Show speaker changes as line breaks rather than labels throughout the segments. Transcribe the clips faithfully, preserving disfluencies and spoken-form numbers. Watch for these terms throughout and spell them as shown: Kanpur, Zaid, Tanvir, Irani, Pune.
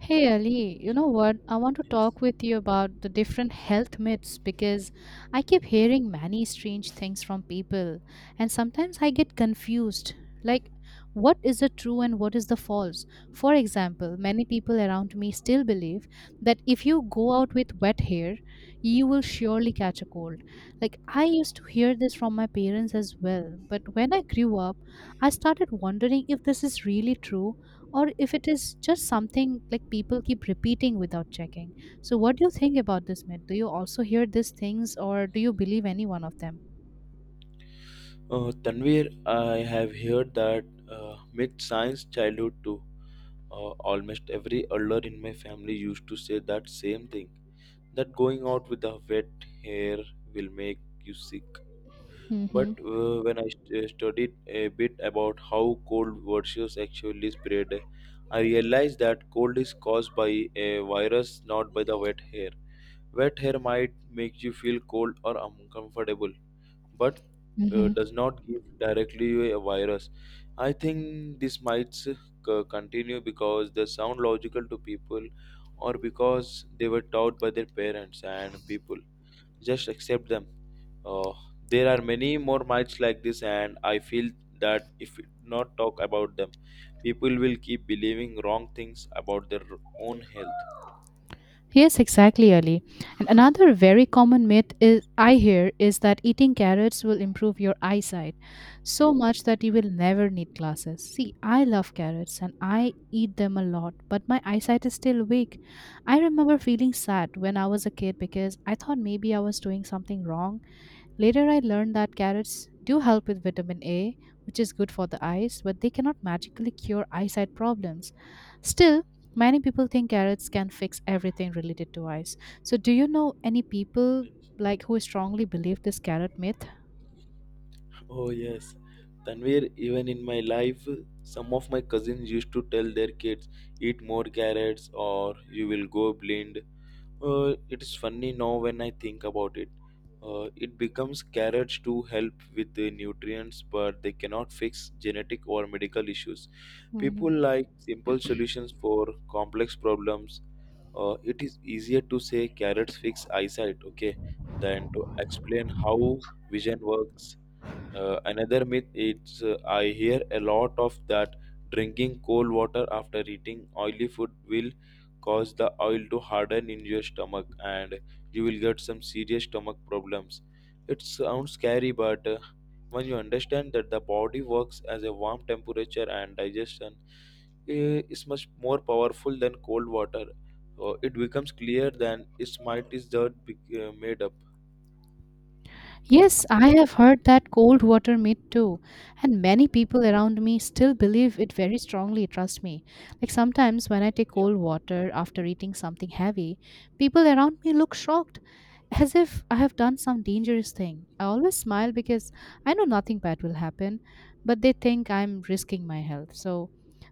Hey Ali, you know what? I want to talk with you about the different health myths because I keep hearing many strange things from people, and sometimes I get confused. Like, what is the true and what is the false? For example, many people around me still believe that if you go out with wet hair, you will surely catch a cold. Like, I used to hear this from my parents as well, but when I grew up, I started wondering if this is really true or if it is just something like people keep repeating without checking. So, what do you think about this myth? Do you also hear these things, or do you believe any one of them?
Uh, Tanvir, I have heard that uh, myth science childhood too. Uh, almost every elder in my family used to say that same thing that going out with the wet hair will make you sick.
Hmm.
But uh, when I st- uh, studied a bit about how cold versus actually spread, I realized that cold is caused by a virus, not by the wet hair. Wet hair might make you feel cold or uncomfortable but uh,
Hmm.
does not give directly a virus. I think this might s- c- continue because they sound logical to people or because they were taught by their parents and people. Just accept them. Uh, there are many more myths like this, and I feel that if we not talk about them, people will keep believing wrong things about their own health.
Yes, exactly, Ali. And another very common myth is I hear is that eating carrots will improve your eyesight so much that you will never need glasses. See, I love carrots and I eat them a lot, but my eyesight is still weak. I remember feeling sad when I was a kid because I thought maybe I was doing something wrong. Later, I learned that carrots do help with vitamin A, which is good for the eyes, but they cannot magically cure eyesight problems. Still, many people think carrots can fix everything related to eyes. So, do you know any people like who strongly believe this carrot myth?
Oh yes, Tanvir, even in my life, some of my cousins used to tell their kids, eat more carrots or you will go blind. Uh, it's funny now when I think about it. Uh, it becomes carrots to help with the nutrients, but they cannot fix genetic or medical issues.
Mhm.
People like simple solutions for complex problems. Uh, it is easier to say carrots fix eyesight, okay, than to explain how vision works. Uh, another myth is uh, I hear a lot of that drinking cold water after eating oily food will cause the oil to harden in your stomach and you will get some serious stomach problems. It sounds scary, but uh, when you understand that the body works as a warm temperature and digestion eh, is much more powerful than cold water, uh, it becomes clear than its might is that be- uh, made up.
Yes, I have heard that cold water myth too, and many people around me still believe it very strongly, trust me. Like sometimes when I take
Yeah.
cold water after eating something heavy, people around me look shocked, as if I have done some dangerous thing. I always smile because I know nothing bad will happen, but they think I'm risking my health. So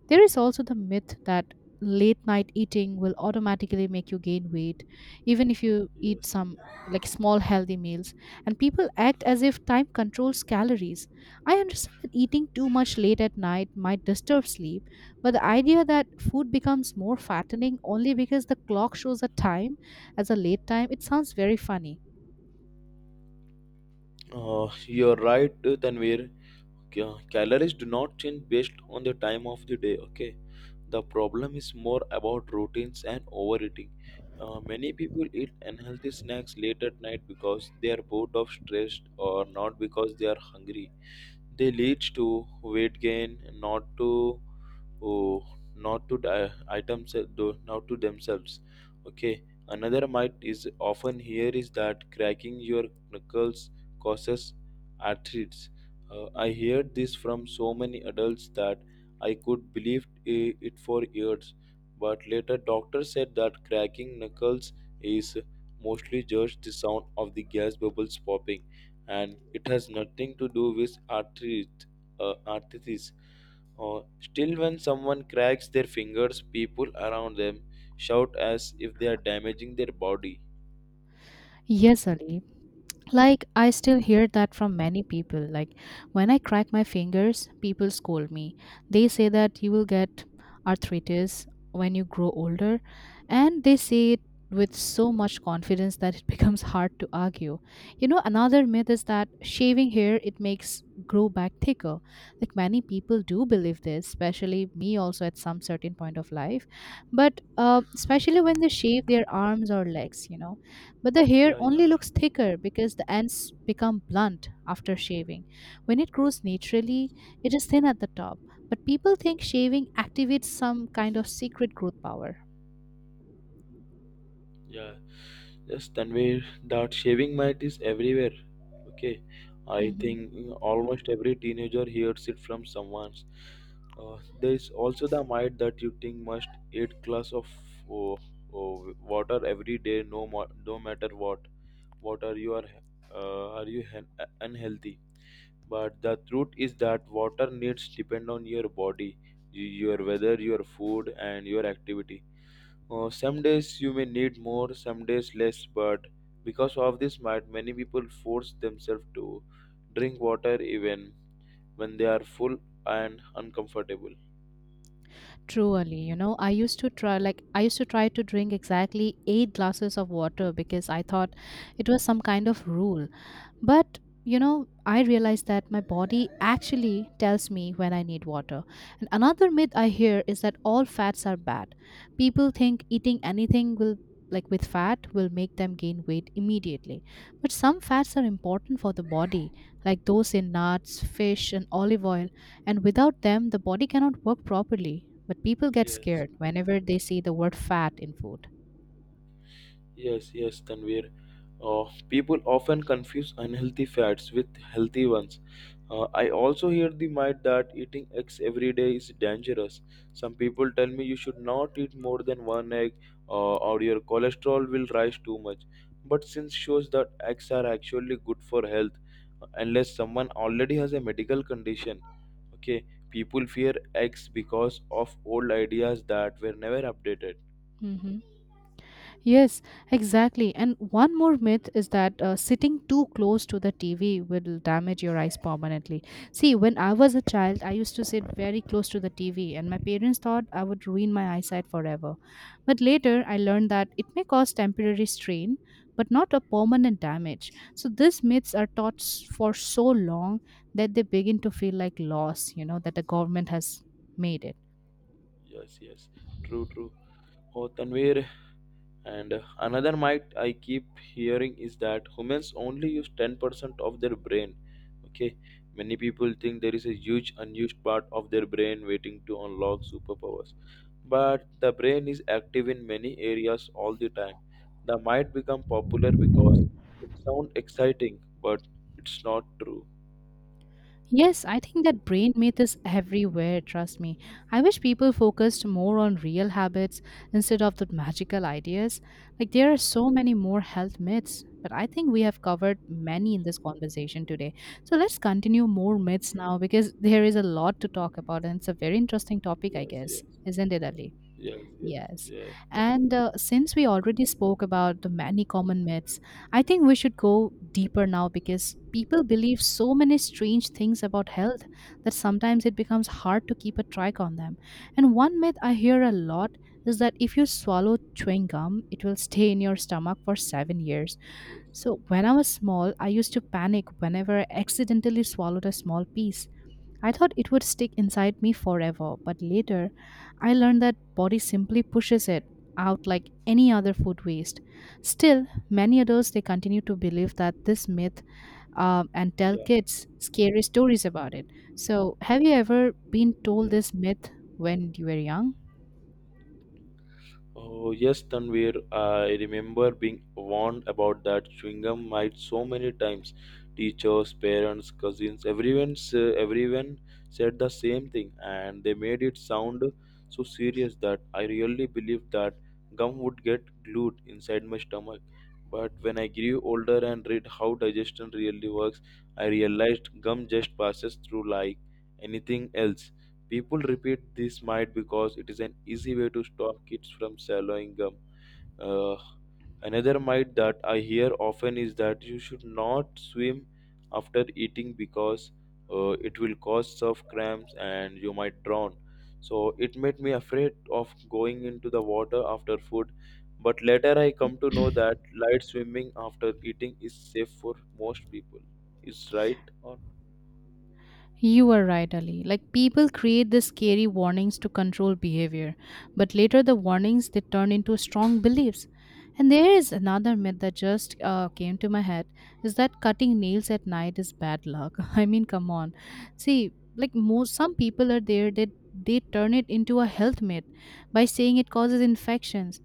there is also the myth that late night eating will automatically make you gain weight, even if you eat
Yes.
some like small healthy meals, and people act as if time controls calories. I understand that eating too much late at night might disturb sleep, but the idea that food becomes more fattening only because the clock shows a time as a late time, it sounds very funny.
Uh, you're right, uh, Tanvir. Ca- calories do not change based on the time of the day, okay? The problem is more about routines and overeating. Uh, many people eat unhealthy snacks late at night because they are bored of stress or not because they are hungry. They lead to weight gain, not to oh, not to the items uh, though not to themselves, okay? Another myth is often here is that cracking your knuckles causes arthritis. Uh, I heard this from so many adults that I could believe i- it for years, but later doctors said that cracking knuckles is mostly just the sound of the gas bubbles popping, and it has nothing to do with arthritis. uh, arthritis Oh, still, when someone cracks their fingers, people around them shout as if they are damaging their body.
Yes, Ali. Like I still hear that from many people. Like when I crack my fingers, people scold me. They say that you will get arthritis when you grow older, and they say it with so much confidence that it becomes hard to argue. You know, another myth is that shaving hair it makes grow back thicker. Like many people do
Yeah,
believe this, especially me also at some certain point of life, but uh,
yeah,
especially when they shave their arms or legs, you know, but the hair
yeah, yeah,
only looks
yeah.
thicker because the ends become blunt after shaving. When it grows naturally,
Yes.
it is thin at the top. But people think shaving activates some kind of secret growth power.
Yeah, just Tanvir, that shaving might is everywhere. Okay, I
Mhm.
think mm, almost every teenager hears it from someone. Uh, there is also the might that you think must eat glass of oh, oh, water every day, no, mo- no matter what. Water. You are, uh, are you hen- unhealthy? But the truth is that water needs depend on your body, your weather, your food, and your activity. Uh, some days you may need more, some days less. But because of this, might many people force themselves to drink water even when they are full and uncomfortable.
Truly, you know, I used to try like I used to try to drink exactly eight glasses of water because I thought it was some kind of rule. But you know, I realize that my body actually tells me when I need water. And another myth I hear is that all fats are bad. People think eating anything will like with fat will make them gain weight immediately. But some fats are important for the body, like those in nuts, fish, and olive oil, and without them the body cannot work properly. But people get
Yes.
scared whenever they see the word fat in food.
Yes, yes, Tanvir. Uh, people often confuse unhealthy fats with healthy ones. Uh, I also hear the myth that eating eggs every day is dangerous. Some people tell me you should not eat more than one egg, uh, or your cholesterol will rise too much. But since shows that eggs are actually good for health, uh, unless someone already has a medical condition. Okay, people fear eggs because of old ideas that were never updated.
Mhm. Yes, exactly. And one more myth is that uh, sitting too close to the T V will damage your eyes permanently. See, when I was a child, I used to sit very close to the T V, and my parents thought I would ruin my eyesight forever. But later, I learned that it may cause temporary strain, but not a permanent damage. So these myths are taught s- for so long that they begin to feel like loss, you know, that the government has made it.
Yes, yes, true, true. Oh, Tanvir, and another myth I keep hearing is that humans only use ten percent of their brain. Okay, many people think there is a huge unused part of their brain waiting to unlock superpowers. But the brain is active in many areas all the time. The might become popular because it sounds exciting, but it's not true.
Yes, I think that brain myth is everywhere, trust me. I wish people focused more on real habits instead of the magical ideas. Like, there are so many more health myths, but I think we have covered many in this conversation today. So, let's continue more myths now because there is a lot to talk about and it's a very interesting topic, I
Yes,
guess,
yes,
isn't it, Ali?
yes, yes,
Yes.
yes,
And uh, since we already spoke about the many common myths, I think we should go deeper now because people believe so many strange things about health that sometimes it becomes hard to keep a track on them. And one myth I hear a lot is that if you swallow chewing gum, it will stay in your stomach for seven years. So
yes,
when I was small, I used to panic whenever I accidentally swallowed a small piece. I thought it would stick inside me forever, but later I learned that body simply pushes it out like any other food waste. Still, many adults they continue to believe that this myth um, and tell
yeah,
kids scary stories about it. So, have you ever been told
yes.
this myth when you were young?
Oh, yes, Tanvir. I remember being warned about that chewing gum mite so many times. Teachers, parents, cousins, everyone, s- everyone said the same thing, and they made it sound so serious that I really believed that gum would get glued inside my stomach. But when I grew older and read how digestion really works, I realized gum just passes through like anything else. People repeat this might because it is an easy way to stop kids from swallowing gum. Uh, Another myth that I hear often is that you should not swim after eating because uh, it will cause surf cramps and you might drown. So it made me afraid of going into the water after food. But later I come to know that light swimming after eating is safe for most people. Is right or
You are right, Ali. Like people create the scary warnings to control behavior, but later the warnings they turn into strong beliefs. And there is another myth that just uh, came to my head is that cutting nails at night is bad luck. I mean, come on. See, like most some people are there that they turn it into a health myth by saying it causes infections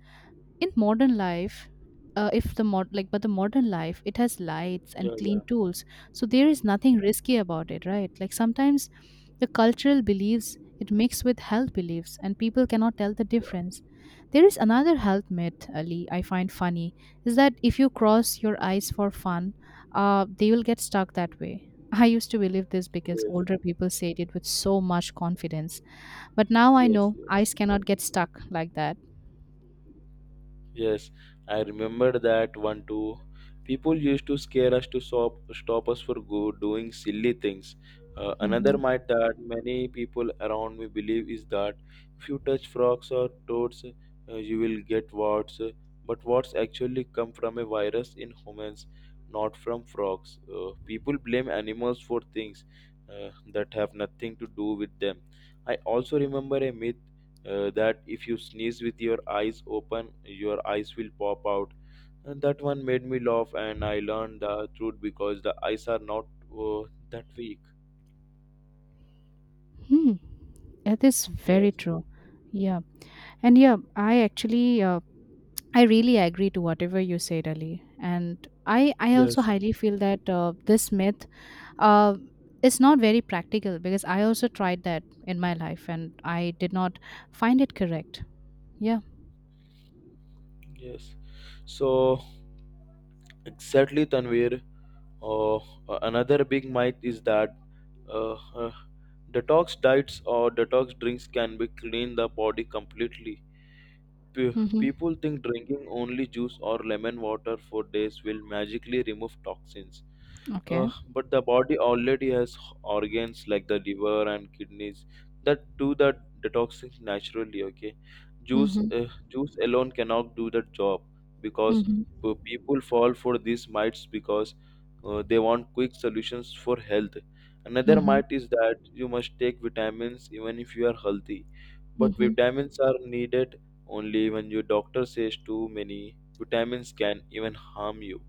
in modern life. Uh, if the mod like but the modern life it has lights and
yeah,
clean
yeah,
tools, so there is nothing risky about it, right? Like sometimes the cultural beliefs it mix with health beliefs and people cannot tell the
yeah.
difference. There is another health myth, Ali, I find funny, is that if you cross your eyes for fun, uh, they will get stuck that way. I used to believe this because
Yes,
older people said it with so much confidence, but now I know
yes, yes.
eyes cannot get stuck like that.
Yes, I remember that one too. People used to scare us to stop, stop us for go doing silly things. Uh,
Mm-hmm.
another myth that many people around me believe is that if you touch frogs or toads, uh, you will get warts. But warts actually come from a virus in humans, not from frogs. Uh, people blame animals for things uh, that have nothing to do with them. I also remember a myth uh, that if you sneeze with your eyes open, your eyes will pop out. And that one made me laugh, and I learned the truth because the eyes are not uh, that weak.
Hmm. That is very
Yes,
true. Yeah. And yeah, I actually uh, I really agree to whatever you said, Ali. And I I also
yes,
highly feel that uh, this myth uh is not very practical because I also tried that in my life and I did not find it correct. Yeah.
yes. So exactly, Tanvir. Uh, Another big myth is that uh, uh, detox diets or detox drinks can be clean the body completely. P-
Mhm.
people think drinking only juice or lemon water for days will magically remove toxins. Uh,
Okay.
but the body already has organs like the liver and kidneys that do the detoxing naturally. Okay, juice
Mhm.
uh, juice alone cannot do the job because
Mhm.
p- people fall for these mites because uh, they want quick solutions for health. Another
Mhm.
myth is that you must take vitamins even if you are healthy, but
Mhm.
vitamins are needed only when your doctor says too many vitamins can even harm you.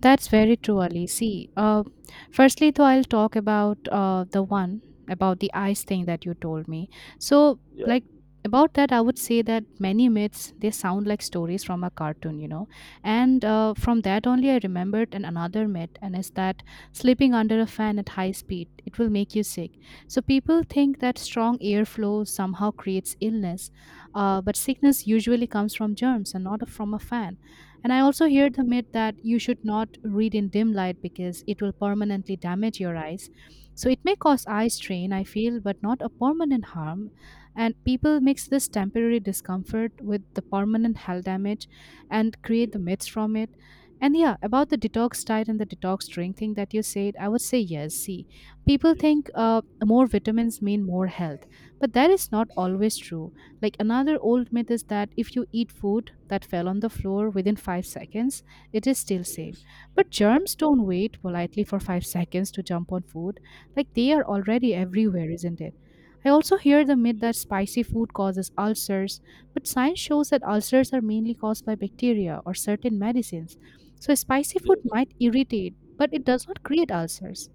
That's very true, Ali. See, uh, firstly, though, I'll talk about uh, the one about the eyes thing that you told me. So,
Yeah.
like, about that, I would say that many myths they sound like stories from a cartoon, you know. And uh, from that only, I remembered an another myth, and is that sleeping under a fan at high speed it will make you sick. So people think that strong airflow somehow creates illness, uh, but sickness usually comes from germs and not from a fan. And I also hear the myth that you should not read in dim light because it will permanently damage your eyes. So it may cause eye strain, I feel, but not a permanent harm. And people mix this temporary discomfort with the permanent health damage and create
Okay.
the myths from it. And yeah, about the detox diet and the detox drink thing that you said, I would say yes. See, people
Yes.
think uh, more vitamins mean more health, but that is not always true. Like another old myth is that if you eat food that fell on the floor within five seconds, it is still safe.
Yes.
But germs don't wait politely for five seconds to jump on food. Like they are already everywhere, isn't it? I also hear the myth
Yes.
that spicy food causes ulcers, but science shows that ulcers are mainly caused by bacteria or certain medicines. So spicy food
Yes.
might irritate, but it does not create ulcers.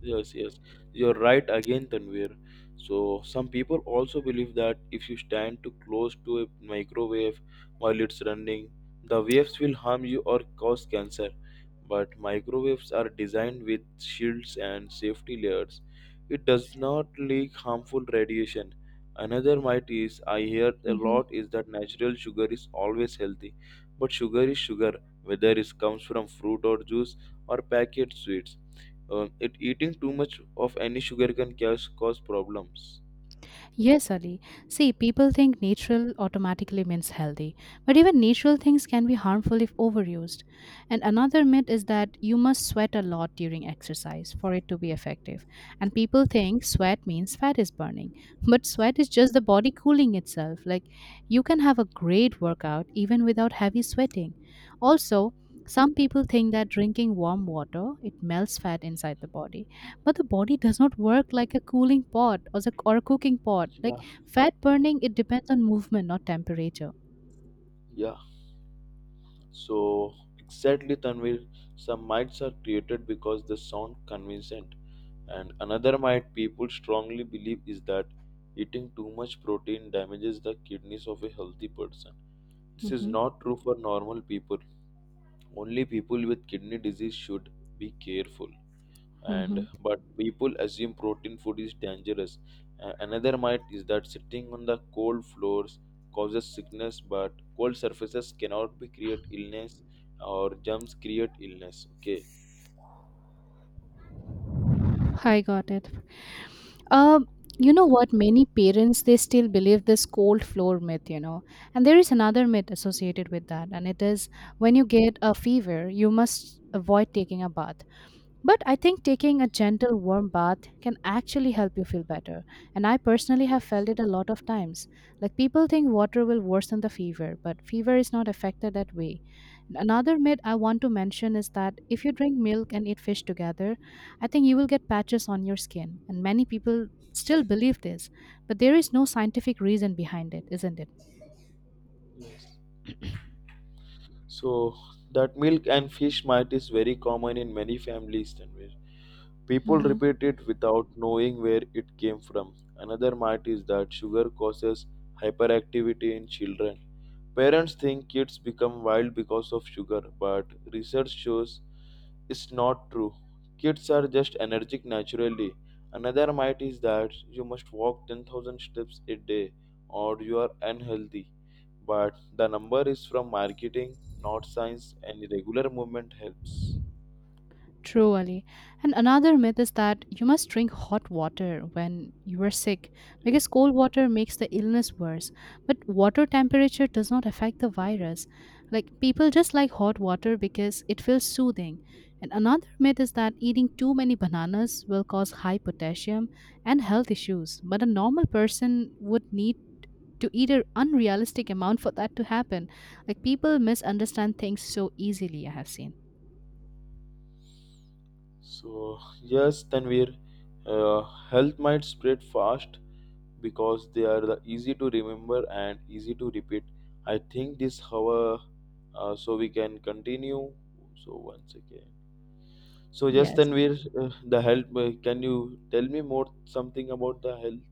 Yes, yes, you're right again, Tanvir. So, some people also believe that if you stand too close to a microwave while it's running, the waves will harm you or cause cancer. But microwaves are designed with shields and safety layers. It does not leak harmful radiation. Another myth is I hear a
Mhm.
lot is that natural sugar is always healthy, but sugar is sugar, whether it comes from fruit or juice or packet sweets, um, it eating too much of any sugar can cause, cause problems.
Yes, Ali. See, people think natural automatically means healthy, but even natural things can be harmful if overused. And another myth is that you must sweat a lot during exercise for it to be effective. And people think sweat means fat is burning, but sweat is just the body cooling itself. Like you can have a great workout even without heavy sweating. Also, some people think that drinking warm water it melts fat inside the body, but the body does not work like a cooling pot or, the, or a cooking pot. Like
Yeah.
fat burning, it depends on movement, not temperature.
Yeah, so exactly Tanvir, some myths are created because they sound convincing, and another myth people strongly believe is that eating too much protein damages the kidneys of a healthy person. This is
Hmm.
not true for normal people. Only people with kidney disease should be careful. And
Hmm.
but people assume protein food is dangerous. A- another myth is that sitting on the cold floors causes sickness, but cold surfaces cannot be create illness or germs create illness, okay?
I got it. Um, you know
Yes,
what? Many parents they still believe this cold floor myth, you know, and there is another myth associated with that, and it is when you get a fever, you must avoid taking a bath. But I think taking a gentle warm bath can actually help you feel better. And I personally have
yes,
felt it a lot of times. Like people think water will worsen the fever, but fever is not affected that way. Another myth I want to mention is that if you drink milk and eat fish together, I think you will get patches on your skin. And many people still believe this, but there is no scientific reason behind it, isn't it?
yes. So that milk and fish might is very common in many families, Tanvir. People
Mhm.
repeat it without knowing where it came from. Another myth is that sugar causes hyperactivity in children. Parents think kids become wild because of sugar, but research shows it's not true. Kids are just energetic naturally. Another myth is that you must walk ten thousand steps a day or you are unhealthy. But the number is from marketing, not science, and regular movement helps.
True, Ali. And another myth is that you must drink hot water when you are sick because cold water makes the illness worse. But water temperature does not affect the virus. Like people just like hot water because it feels soothing. And another myth is that eating too many bananas will cause high potassium and health issues. But a normal person would need to eat an unrealistic amount for that to happen. Like people misunderstand things so easily, I have seen.
So, yes, Tanvir, uh, health might spread fast because they are the easy to remember and easy to repeat. I think this, however, uh, so we can continue. So, once again. So, yes,
Yes.
Tanvir, uh, the health, uh, can you tell me more something about the health?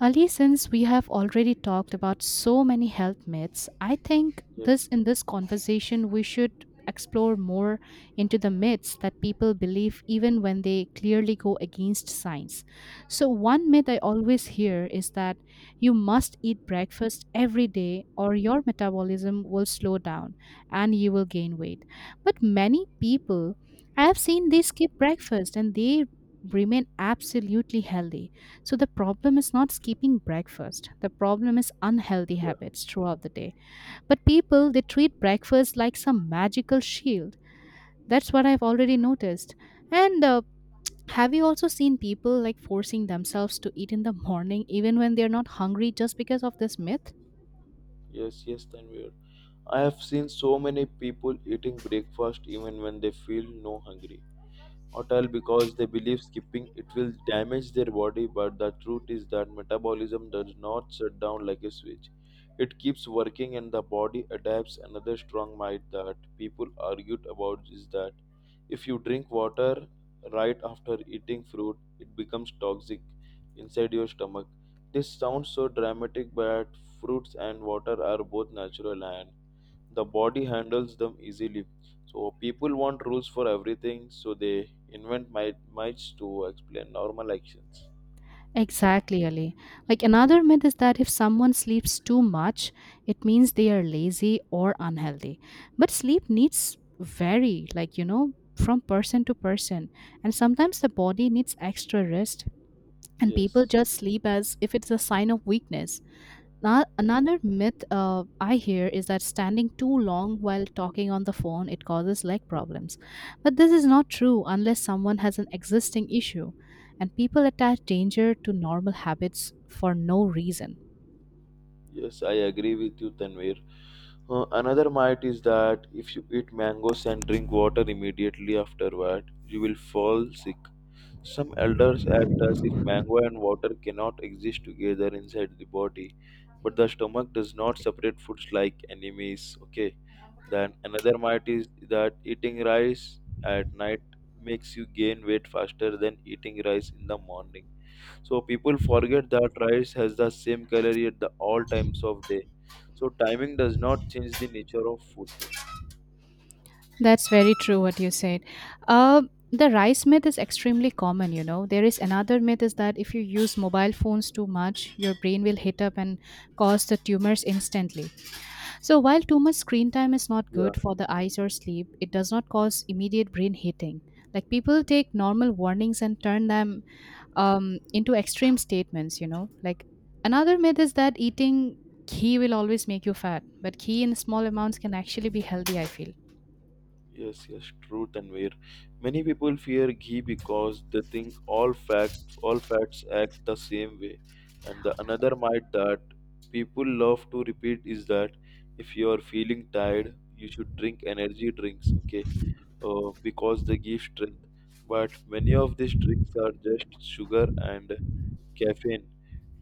Ali, since we have already talked about so many health myths, I think
Yes,
this in this conversation we should explore more into the myths that people believe even when they clearly go against science. So one myth I always hear is that you must eat breakfast every day or your metabolism will slow down and you will gain weight. But many people I have seen they skip breakfast and they remain absolutely healthy, so the problem is not skipping breakfast. The problem is unhealthy
yeah,
habits throughout the day. But people, they treat breakfast like some magical shield. That's what I've already noticed. And uh, have you also seen people like forcing themselves to eat in the morning even when they're not hungry just because of this myth?
yes, yes, Tanvir. I have seen so many people eating breakfast even when they feel no hungry. Hotel because they believe skipping it will damage their body, but the truth is that metabolism does not shut down like a switch. It keeps working and the body adapts. Another strong myth that people argued about is that if you drink water right after eating fruit, it becomes toxic inside your stomach. This sounds so dramatic, but fruits and water are both natural and the body handles them easily. So people want rules for everything, so they invent might mites to explain normal actions.
Exactly, Ali. Like another myth is that if someone sleeps too much, it means they are lazy or unhealthy. But sleep needs vary, like, you know, from person to person. And sometimes the body needs extra rest, and people
Yes,
just sleep as if it's a sign of weakness. Now, another myth uh, I hear is that standing too long while talking on the phone it causes leg problems, but this is not true unless someone has an existing issue, and people attach danger to normal habits for no reason.
yes, I agree with you, Tanvir. Uh, another might is that if you eat mangoes and drink water immediately afterward you will fall sick. Some elders act as if mango and water cannot exist together inside the body, but the stomach does not separate foods like enemies. Okay, then another myth is that eating rice at night makes you gain weight faster than eating rice in the morning. So people forget that rice has the same calorie at the all times of day. So timing does not change the nature of food.
That's very true what you said. Uh, the rice myth is extremely common, you know. There is another myth is that if you use mobile phones too much, your brain will heat up and cause the tumors instantly. So while too much screen time is not
Yeah.
good for the eyes or sleep, it does not cause immediate brain heating. Like people take normal warnings and turn them um, into extreme statements, you know. Like another myth is that eating ghee will always make you fat, but ghee in small amounts can actually be healthy, I feel.
Yes, yes, truth and where many people fear ghee because they think all fact all fats act the same way. And the another myth that people love to repeat is that if you are feeling tired, you should drink energy drinks, okay? Uh, because they give strength. But many of these drinks are just sugar and caffeine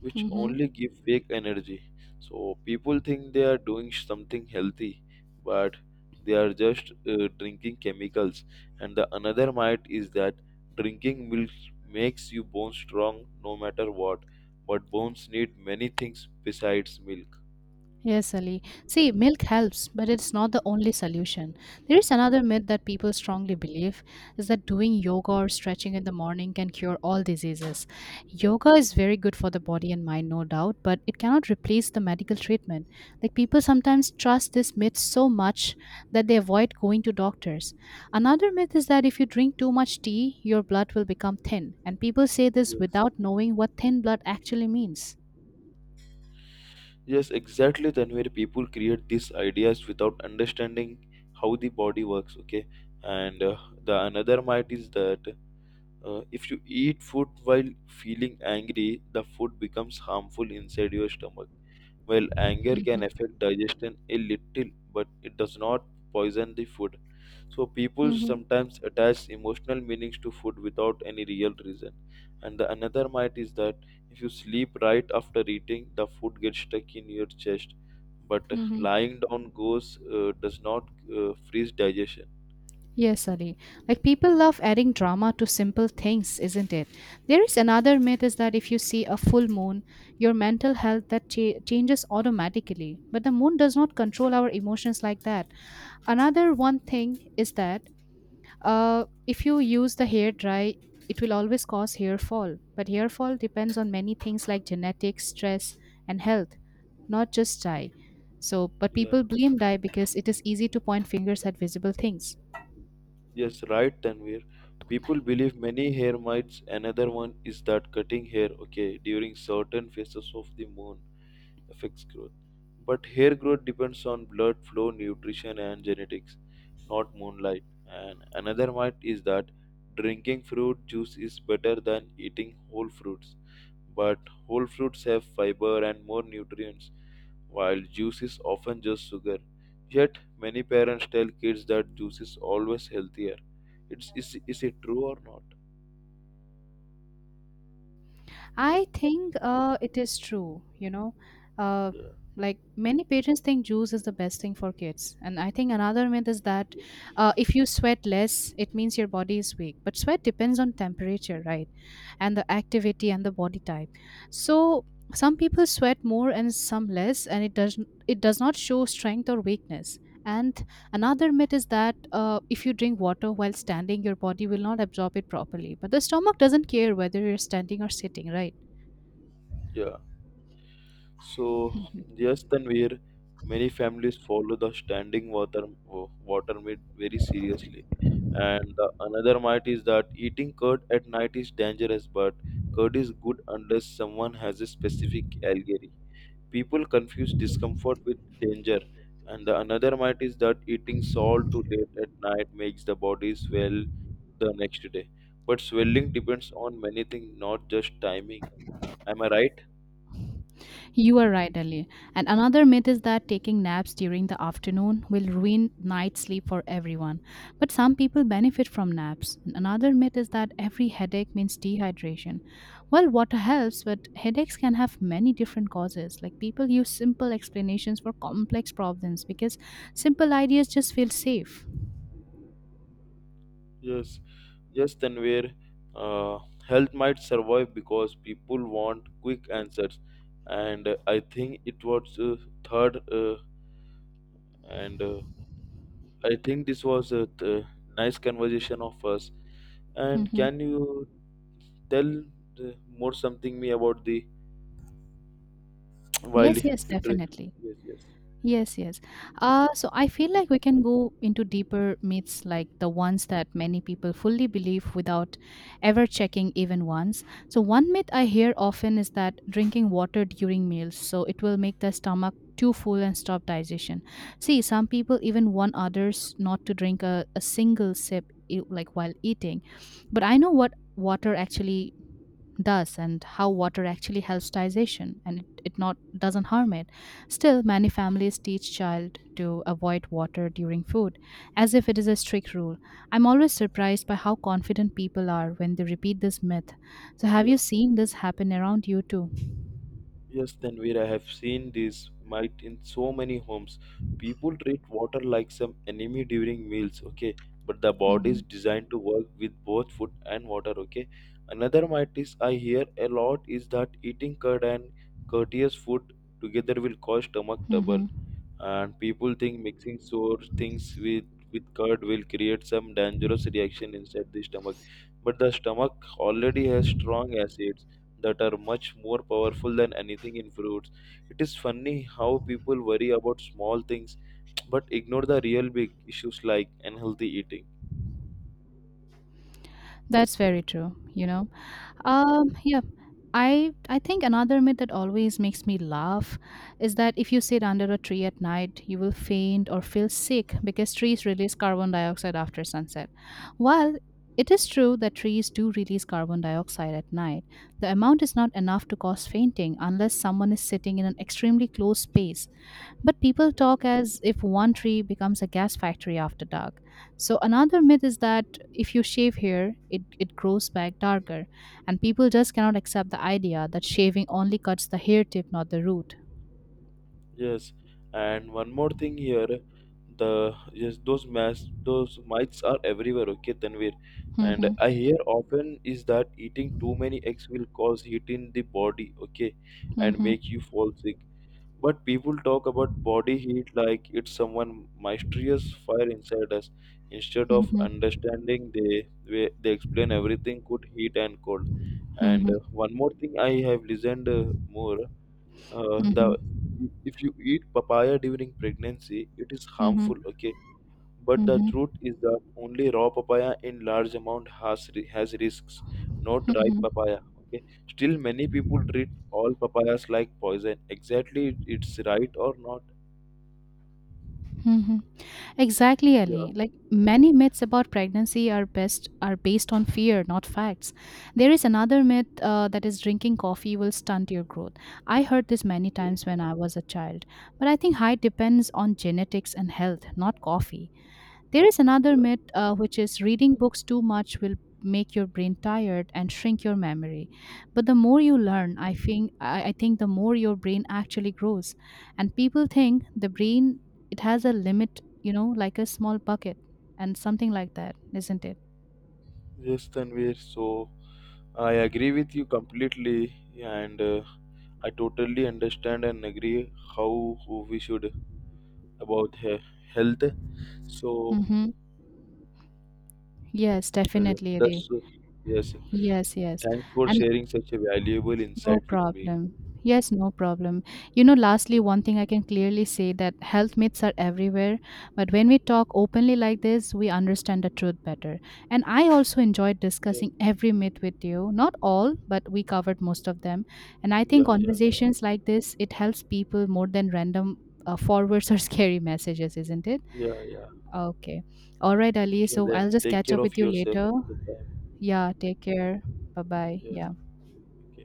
which only give fake energy. So people think they are doing something healthy, but they are just uh, drinking chemicals. And the another myth is that drinking milk makes you bone strong no matter what, but bones need many things besides milk.
Yes, Ali. See, milk helps, but it's not the only solution. There is another myth that people strongly believe is that doing yoga or stretching in the morning can cure all diseases. Yoga is very good for the body and mind, no doubt, but it cannot replace the medical treatment. Like people sometimes trust this myth so much that they avoid going to doctors. Another myth is that if you drink too much tea, your blood will become thin, and people say this
Yes.
without knowing what thin blood actually means.
Yes, exactly. Then where people create these ideas without understanding how the body works. Okay, and uh, the another myth is that Uh, if you eat food while feeling angry, the food becomes harmful inside your stomach. While anger can
hmm
affect digestion a little, but it does not poison the food. So people
hmm
sometimes attach emotional meanings to food without any real reason. And the another myth is that if you sleep right after eating, the food gets stuck in your chest. But
hmm
lying down goes uh, does not uh, freeze digestion.
Yes, Ali. Like people love adding drama to simple things, isn't it? There is another myth is that if you see a full moon, your mental health that cha- changes automatically. But the moon does not control our emotions like that. Another one thing is that uh, if you use the hair dry, it will always cause hair fall. But hair fall depends on many things like genetics, stress, and health, not just dye. So, but
Yeah.
people blame dye because it is easy to point fingers at visible things.
Yes, right, Tanvir. People believe many hair mites. Another one is that cutting hair, okay, during certain phases of the moon affects growth. But hair growth depends on blood flow, nutrition, and genetics, not moonlight. And another myth is that drinking fruit juice is better than eating whole fruits. But whole fruits have fiber and more nutrients, while juice is often just sugar. Yet, many parents tell kids that juice is always healthier. It's, is, is it true or not?
I think uh, it is true, you know. Uh,
Yeah.
like many parents think juice is the best thing for kids. And I think another myth is that uh, if you sweat less, it means your body is weak. But sweat depends on temperature, right? And the activity and the body type. So some people sweat more and some less, and it doesn't it does not show strength or weakness. And another myth is that uh, if you drink water while standing, your body will not absorb it properly. But the stomach doesn't care whether you're standing or sitting, right?
Yeah. So, yes, Tanvir, many families follow the standing water water myth very seriously. And the another myth is that eating curd at night is dangerous, but curd is good unless someone has a specific allergy. People confuse discomfort with danger. And the another myth is that eating salt too late at night makes the body swell the next day. But swelling depends on many things, not just timing. Am I right?
You are right, Ali. And another myth is that taking naps during the afternoon will ruin night sleep for everyone. But some people benefit from naps. And another myth is that every headache means dehydration. Well, water helps, but headaches can have many different causes. Like people use simple explanations for complex problems because simple ideas just feel safe.
Yes. Just then where uh, health might survive because people want quick answers, and uh, I think it was uh, third, uh, and uh, I think this was a th- nice conversation of us. And
Mhm.
can you tell uh, more something me about the while
Yes,
it,
yes, definitely.
yes yes
Yes, yes. Uh, so I feel like we can go into deeper myths like the ones that many people fully believe without ever checking even once. So, one myth I hear often is that drinking water during meals, so it will make the stomach too full and stop digestion. See, some people even warn others not to drink a, a single sip e- like while eating. But I know what water actually does and how water actually helps digestion and it, it not doesn't harm it. Still many families teach child to avoid water during food as if it is a strict rule. I'm always surprised by how confident people are when they repeat this myth. So have
yeah.
you seen this happen around you too?
Yes, Tanvir, I have seen this might in so many homes. People treat water like some enemy during meals, okay? But the body is
hmm
designed to work with both food and water, okay? Another myth is I hear a lot is that eating curd and courteous food together will cause stomach trouble,
hmm
and people think mixing sour things with with curd will create some dangerous reaction inside the stomach. But the stomach already has strong acids that are much more powerful than anything in fruits. It is funny how people worry about small things but ignore the real big issues like unhealthy eating.
that's very true, you know. Um, yeah. I I think another myth that always makes me laugh is that if you sit under a tree at night, you will faint or feel sick because trees release carbon dioxide after sunset. While it is true that trees do release carbon dioxide at night, the amount is not enough to cause fainting unless someone is sitting in an extremely close space, but people talk as if one tree becomes a gas factory after dark. So another myth is that if you shave here, it, it grows back darker. And people just cannot accept the idea that shaving only cuts the hair tip, not the root.
Yes, and one more thing here, the yes those mass those mites are everywhere. Okay, Tanvir, and
Mhm,
I hear often is that eating too many eggs will cause heat in the body. Okay, and
mhm,
make you fall sick. But people talk about body heat like it's someone mysterious fire inside us. Instead of
mhm,
understanding, they they they explain everything could heat and cold. And
mhm,
uh, one more thing I have listened uh, more. Uh, the
mhm,
if you eat papaya during pregnancy, it is
mhm, mhm,
harmful. Okay, but the
mhm,
truth is that only raw papaya in large amount has ri- has risks, not ripe
mhm,
papaya. Okay, still many people treat all papayas like poison. Exactly, it- it's right or not?
mhm, Exactly,
Yeah,
Ali. Like many myths about pregnancy are best are based on fear, not facts. There is another myth uh, that is drinking coffee will stunt your growth. I heard this many
yeah,
times when I was a child, but I think height depends on genetics and health, not coffee. There is another
yeah.
myth, uh, which is reading books too much will make your brain tired and shrink your memory. But the more you learn, I think I, I think the more your brain actually grows. And people think the brain it has a limit, you know, like a small bucket and something like that, isn't it?
Yes, Tanvir. So I agree with you completely, and uh, I totally understand and agree how we should about he- health. So
Mm-hmm. Yes,
Uh,
definitely, Ali.
that's uh, yes.
Yes, yes.
Thanks for
And
sharing such a valuable
no
insight with me.
problem. Yes, no problem. You know, lastly,
Yes,
one thing I can clearly say that health myths are everywhere, but when we talk openly like this, we understand the truth better. And I also enjoyed
yes,
discussing every myth with you. Not all, but we covered most of them. And I
yeah,
think
yeah, yeah,
conversations like this, it helps people more than random uh, forwards or scary messages, isn't it?
yeah, yeah.
Okay. All right, Ali.
Okay,
So I'll
then
just
take
catch
care
up with
of
you
yourself
later.
at the time.
Yeah, take care. Bye bye.
Yes.
Yeah.
Okay.